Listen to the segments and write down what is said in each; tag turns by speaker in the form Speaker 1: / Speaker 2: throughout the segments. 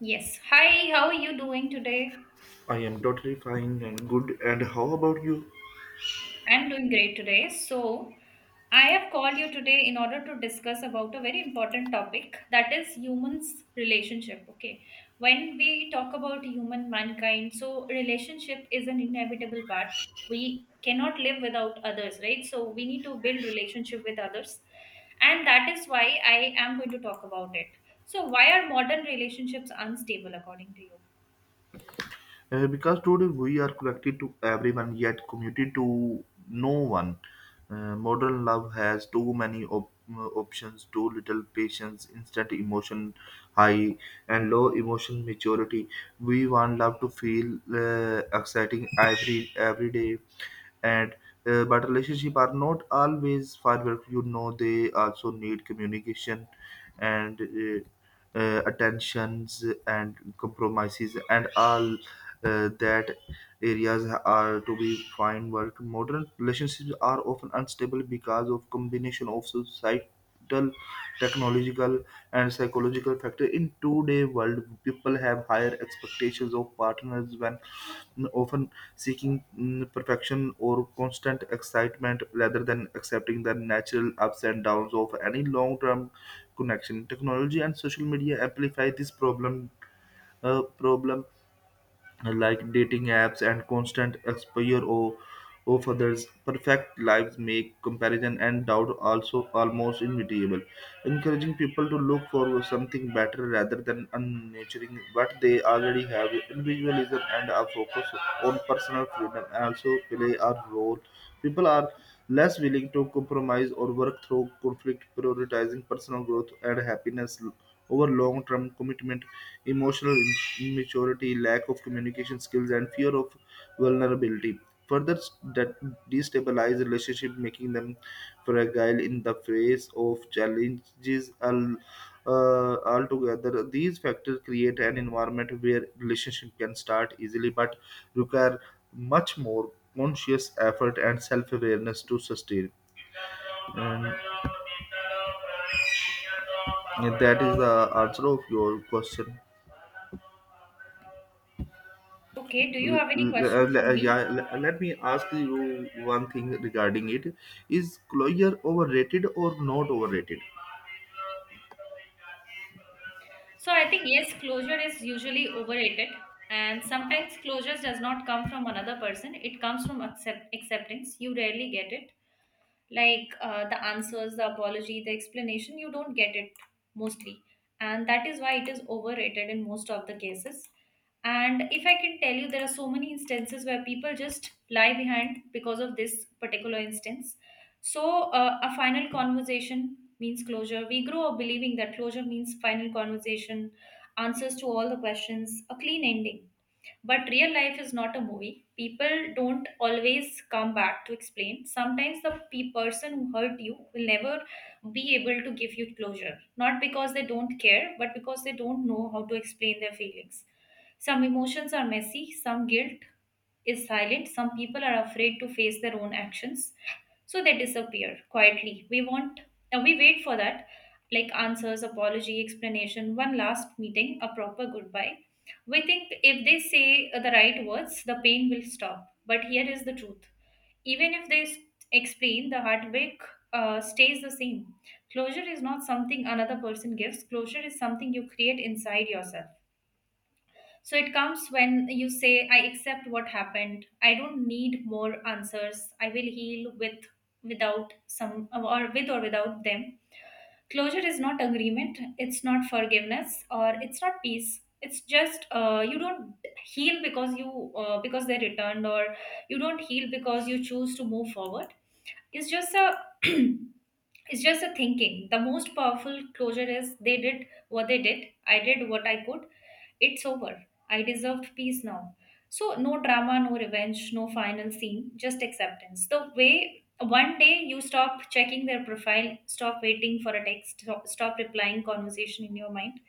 Speaker 1: Yes. Hi, how are you doing today?
Speaker 2: I am totally fine and good. And how about you?
Speaker 1: I'm doing great today. So, I have called you today in order to discuss about a very important topic that is humans relationship, okay? When we talk about human mankind, so relationship is an inevitable part. We cannot live without others, right? So, we need to build relationship with others. And that is why I am going to talk about it. So, why are modern relationships unstable according to you?
Speaker 2: Because today we are connected to everyone yet committed to no one. Modern love has too many options, too little patience, instant emotion high, and low emotion maturity. We want love to feel exciting every day, and but relationship are not always firework. They also need communication and attentions and compromises and all that areas are to be fine work. Modern relationships are often unstable because of combination of society mental, technological, and psychological factor. In today world, people have higher expectations of partners when often seeking perfection or constant excitement rather than accepting the natural ups and downs of any long-term connection. Technology and social media amplify this problem. Problem like dating apps and constant exposure of others, perfect lives make comparison and doubt also almost inevitable, encouraging people to look for something better rather than unnaturing what they already have. Individualism and a focus on personal freedom also play a role. People are less willing to compromise or work through conflict, prioritizing personal growth and happiness over long-term commitment emotional immaturity, lack of communication skills, and fear of vulnerability. Further, that destabilize relationship, making them fragile in the face of challenges. Altogether, these factors create an environment where relationship can start easily, but require much more conscious effort and self-awareness to sustain. And that is the answer of your question.
Speaker 1: Okay, do you
Speaker 2: L-
Speaker 1: have any
Speaker 2: l-
Speaker 1: question
Speaker 2: l-
Speaker 1: for me?
Speaker 2: yeah, l- yeah, let me ask you one thing regarding it. Is Cloyer overrated or not overrated?
Speaker 1: So I think yes, closure is usually overrated, and sometimes closure does not come from another person. It comes from acceptance. You rarely get it, like the answers, the apology, the explanation, you don't get it mostly. And that is why it is overrated in most of the cases. And if I can tell you, there are so many instances where people just lie behind because of this particular instance. So, a final conversation means closure. We grow up believing that closure means final conversation, answers to all the questions, a clean ending. But real life is not a movie. People don't always come back to explain. Sometimes the person who hurt you will never be able to give you closure. Not because they don't care, but because they don't know how to explain their feelings. Some emotions are messy, some guilt is silent, some people are afraid to face their own actions. So they disappear quietly. We want, we wait for that like answers, apology, explanation, one last meeting, a proper goodbye. We think if they say the right words, the pain will stop. But here is the truth. Even if they explain, the heartbreak stays the same. Closure is not something another person gives, closure is something you create inside yourself. So it comes when you say, I accept what happened. I don't need more answers. I will heal with without some or with or without them. Closure is not agreement, it's not forgiveness, or it's not peace. It's just you don't heal because you because they returned, or you don't heal because you choose to move forward. It's just a it's just a thinking. The most powerful closure is they did what they did. I did what I could. It's over. I deserved peace now. So, no drama, no revenge, no final scene, just acceptance. The way one day you stop checking their profile, stop waiting for a text, stop replying conversation in your mind.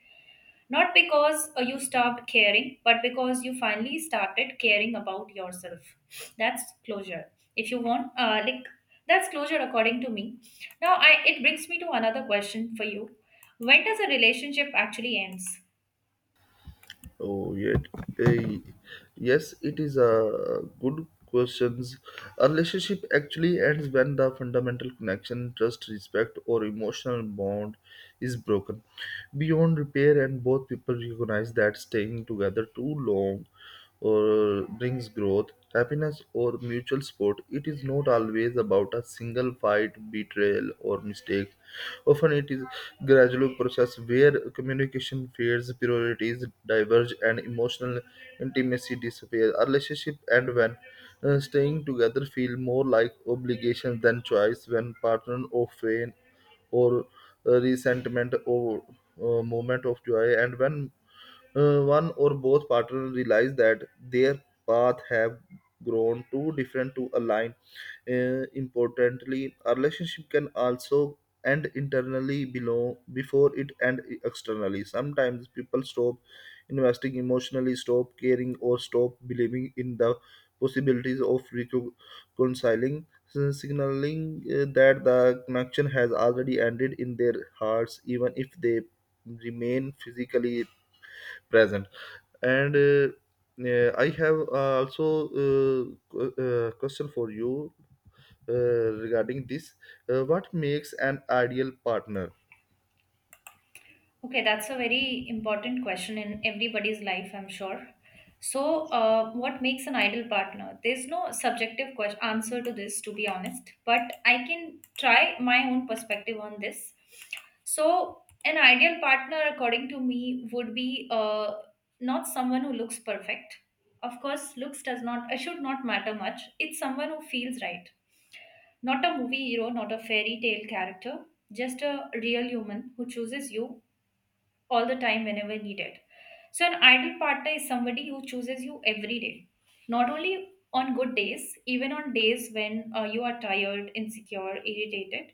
Speaker 1: Not because you stopped caring, but because you finally started caring about yourself. That's closure. If you want, that's closure according to me. Now, it brings me to another question for you. When does a relationship actually ends?
Speaker 2: Oh, yet, eh, yes, it is a good questions. A relationship actually ends when the fundamental connection, trust, respect, or emotional bond is broken beyond repair, and both people recognize that staying together too long or brings growth, happiness, or mutual support. It is not always about a single fight, betrayal, or mistake. Often it is gradual process where communication fades, priorities diverge, and emotional intimacy disappears. Our relationship and when staying together feel more like obligation than choice when partners often or resentment or moment of joy and when one or both partners realize that their path have grown too different to align. Importantly, a relationship can also end internally below before it end externally. Sometimes people stop investing emotionally, stop caring, or stop believing in the possibilities of reconciling, so signaling that the connection has already ended in their hearts, even if they remain physically present. And I have also question for you uh, regarding this. What makes an ideal partner?
Speaker 1: Okay, that's a very important question in everybody's life, I'm sure. So, what makes an ideal partner? There's no subjective question, answer to this, to be honest, but I can try my own perspective on this. So, an ideal partner, according to me, would be not someone who looks perfect. Of course, looks does not, should not matter much. It's someone who feels right. Not a movie hero, not a fairy tale character, just a real human who chooses you all the time whenever needed. So, an ideal partner is somebody who chooses you every day, not only on good days, even on days when you are tired, insecure, irritated.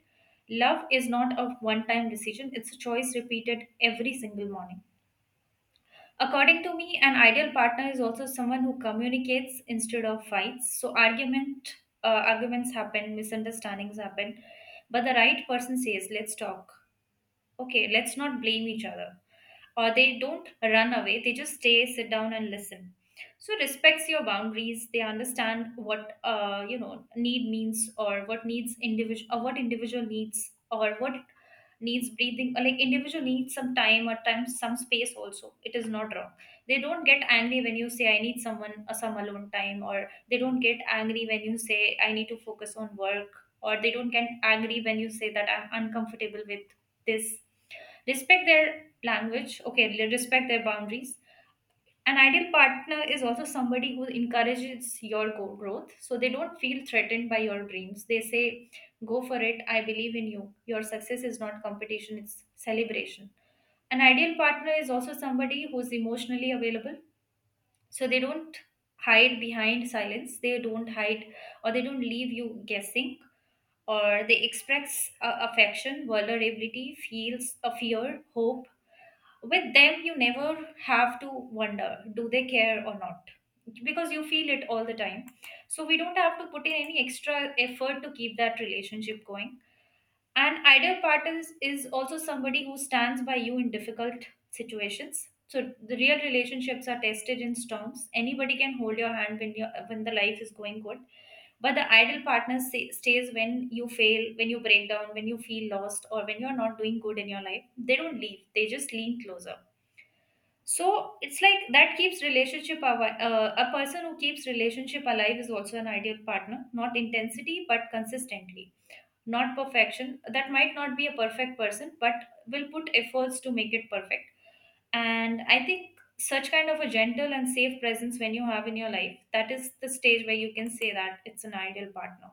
Speaker 1: Love is not a one time decision, it's a choice repeated every single morning. According to me, an ideal partner is also someone who communicates instead of fights. So, arguments happen, misunderstandings happen, but the right person says, let's talk, okay, let's not blame each other, or they don't run away, they just stay, sit down and listen. So respects your boundaries, they understand what need means, or what needs individual, or what individual needs, or what needs breathing, or like individual needs some time or time some space. Also it is not wrong. They don't get angry when you say I need someone, some alone time, or they don't get angry when you say I need to focus on work, or they don't get angry when you say that I'm uncomfortable with this. Respect their language, okay, respect their boundaries. An ideal partner is also somebody who encourages your growth. So they don't feel threatened by your dreams. They say, go for it, I believe in you, your success is not competition, it's celebration. An ideal partner is also somebody who's emotionally available. So they don't hide behind silence, they don't hide, or they don't leave you guessing, or they express affection, vulnerability, feels a fear hope. With them, you never have to wonder, do they care or not, because you feel it all the time. So we don't have to put in any extra effort to keep that relationship going. An ideal partner is also somebody who stands by you in difficult situations. So the real relationships are tested in storms. Anybody can hold your hand when you, when the life is going good, but the ideal partner stays when you fail, when you break down, when you feel lost, or when you're not doing good in your life. They don't leave, they just lean closer. So it's like that keeps relationship alive. A person who keeps relationship alive is also an ideal partner. Not intensity, but consistently. Not perfection. That might not be a perfect person, but will put efforts to make it perfect. And I think such kind of a gentle and safe presence when you have in your life, that is the stage where you can say that it's an ideal partner.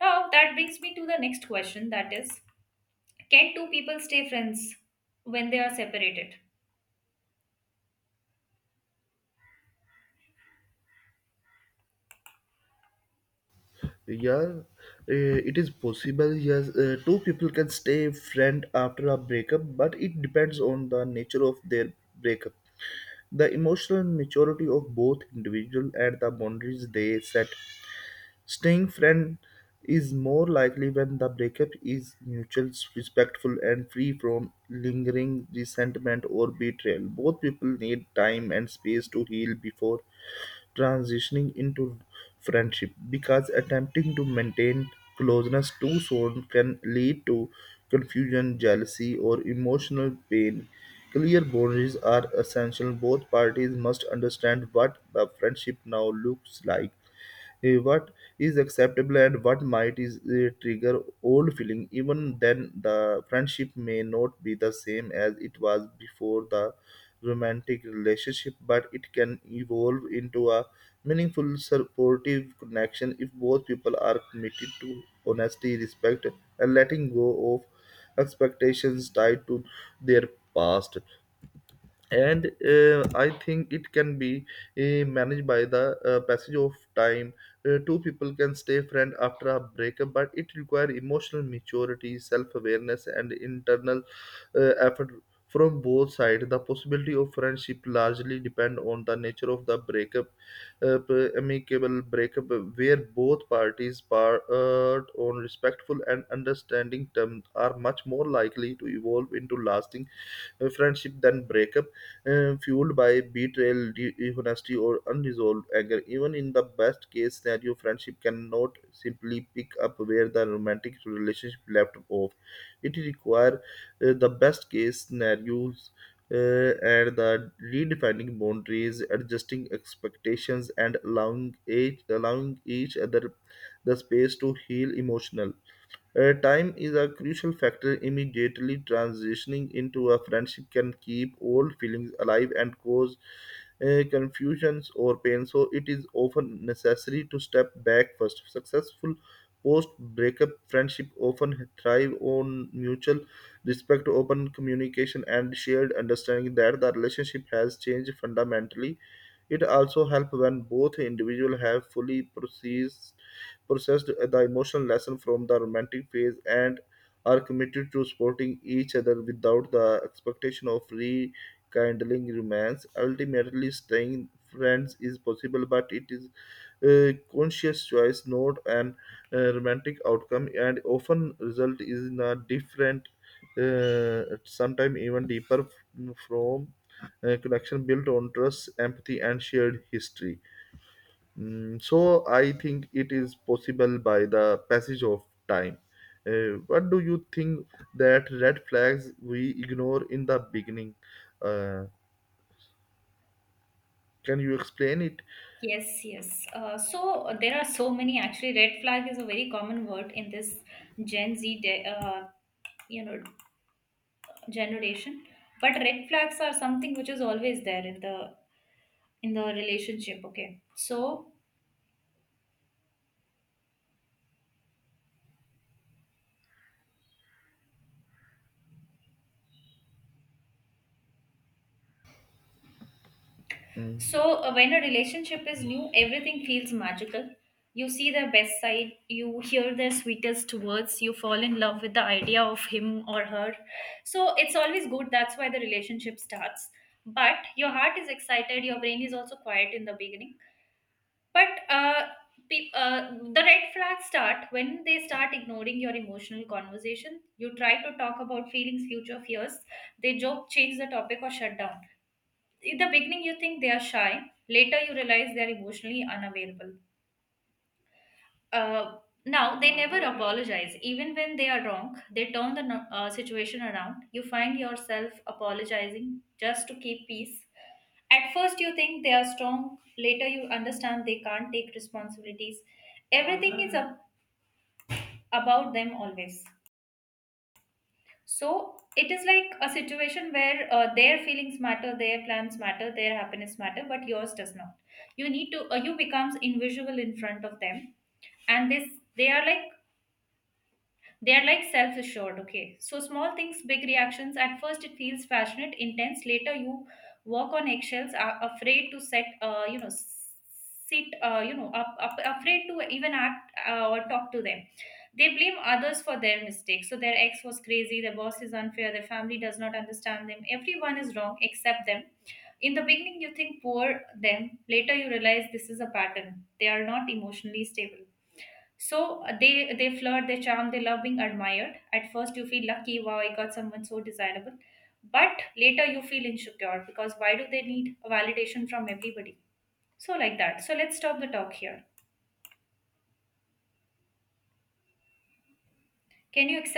Speaker 1: Now that brings me to the next question. That is, can two people stay friends when they are separated?
Speaker 2: Yeah, it is possible. Yes, two people can stay friend after a breakup, but it depends on the nature of their breakup, the emotional maturity of both individual, and the boundaries they set. Staying friend is more likely when the breakup is mutual, respectful, and free from lingering resentment or betrayal. Both people need time and space to heal before transitioning into friendship because attempting to maintain closeness too soon can lead to confusion, jealousy, or emotional pain. Clear boundaries are essential. Both parties must understand what the friendship now looks like, what is acceptable and what might is trigger old feeling. Even then the friendship may not be the same as it was before the romantic relationship, but it can evolve into a meaningful supportive connection if both people are committed to honesty, respect, and letting go of expectations tied to their past. And I think it can be managed by the passage of time. Two people can stay friends after a breakup, but it requires emotional maturity, self-awareness, and internal effort from both sides. The possibility of friendship largely depend on the nature of the breakup. Amicable breakup where both parties part on respectful and understanding terms are much more likely to evolve into lasting friendship than breakup fueled by betrayal, dishonesty, or unresolved anger. Even in the best case scenario, friendship cannot simply pick up where the romantic relationship left off. It requires the best case scenarios uh, and the redefining boundaries, adjusting expectations, and allowing each other the space to heal emotional. Time is a crucial factor. Immediately transitioning into a friendship can keep old feelings alive and cause confusions or pain, so it is often necessary to step back first. Successful post breakup friendship often thrive on mutual respect, open communication, and shared understanding that the relationship has changed fundamentally. It also helps when both individuals have fully processed the emotional lesson from the romantic phase and are committed to supporting each other without the expectation of rekindling romance. Ultimately, staying friends is possible, but it is a conscious choice, not an romantic outcome, and often result is in a different, sometimes even deeper from connection built on trust, empathy, and shared history. Mm, so I think it is possible by the passage of time. What do you think that red flags we ignore in the beginning? Uh, can you explain it?
Speaker 1: Yes, yes. So there are so many actually. Red flag is a very common word in this Gen Z, you know, generation. But red flags are something which is always there in the relationship. Okay, so so, when a relationship is new, everything feels magical. You see their best side, you hear their sweetest words, you fall in love with the idea of him or her. So, it's always good. That's why the relationship starts. But your heart is excited, your brain is also quiet in the beginning. But the red flags start when they start ignoring your emotional conversation. You try to talk about feelings, future fears. They joke, change the topic, or shut down. In the beginning you think they are shy, later you realize they are emotionally unavailable. Uh, now they never apologize even when they are wrong. They turn the situation around. You find yourself apologizing just to keep peace. At first you think they are strong, later you understand they can't take responsibilities. Everything is up about them always. So it is like a situation where their feelings matter, their plans matter, their happiness matter, but yours does not. You need to you becomes invisible in front of them, and this, they are like, they are like self assured, okay? So, small things, big reactions. At first, it feels passionate, intense. Later, you walk on eggshells, are afraid to set, you know, s- sit, you know, up, up, afraid to even act or talk to them. They blame others for their mistakes. So, their ex was crazy, their boss is unfair, their family does not understand them. Everyone is wrong except them. In the beginning, you think poor them. Later, you realize this is a pattern. They are not emotionally stable. So they flirt, they charm, they love being admired. At first, you feel lucky, wow, I got someone so desirable. But later, you feel insecure because why do they need validation from everybody? So like that. So let's stop the talk here. Can you accept?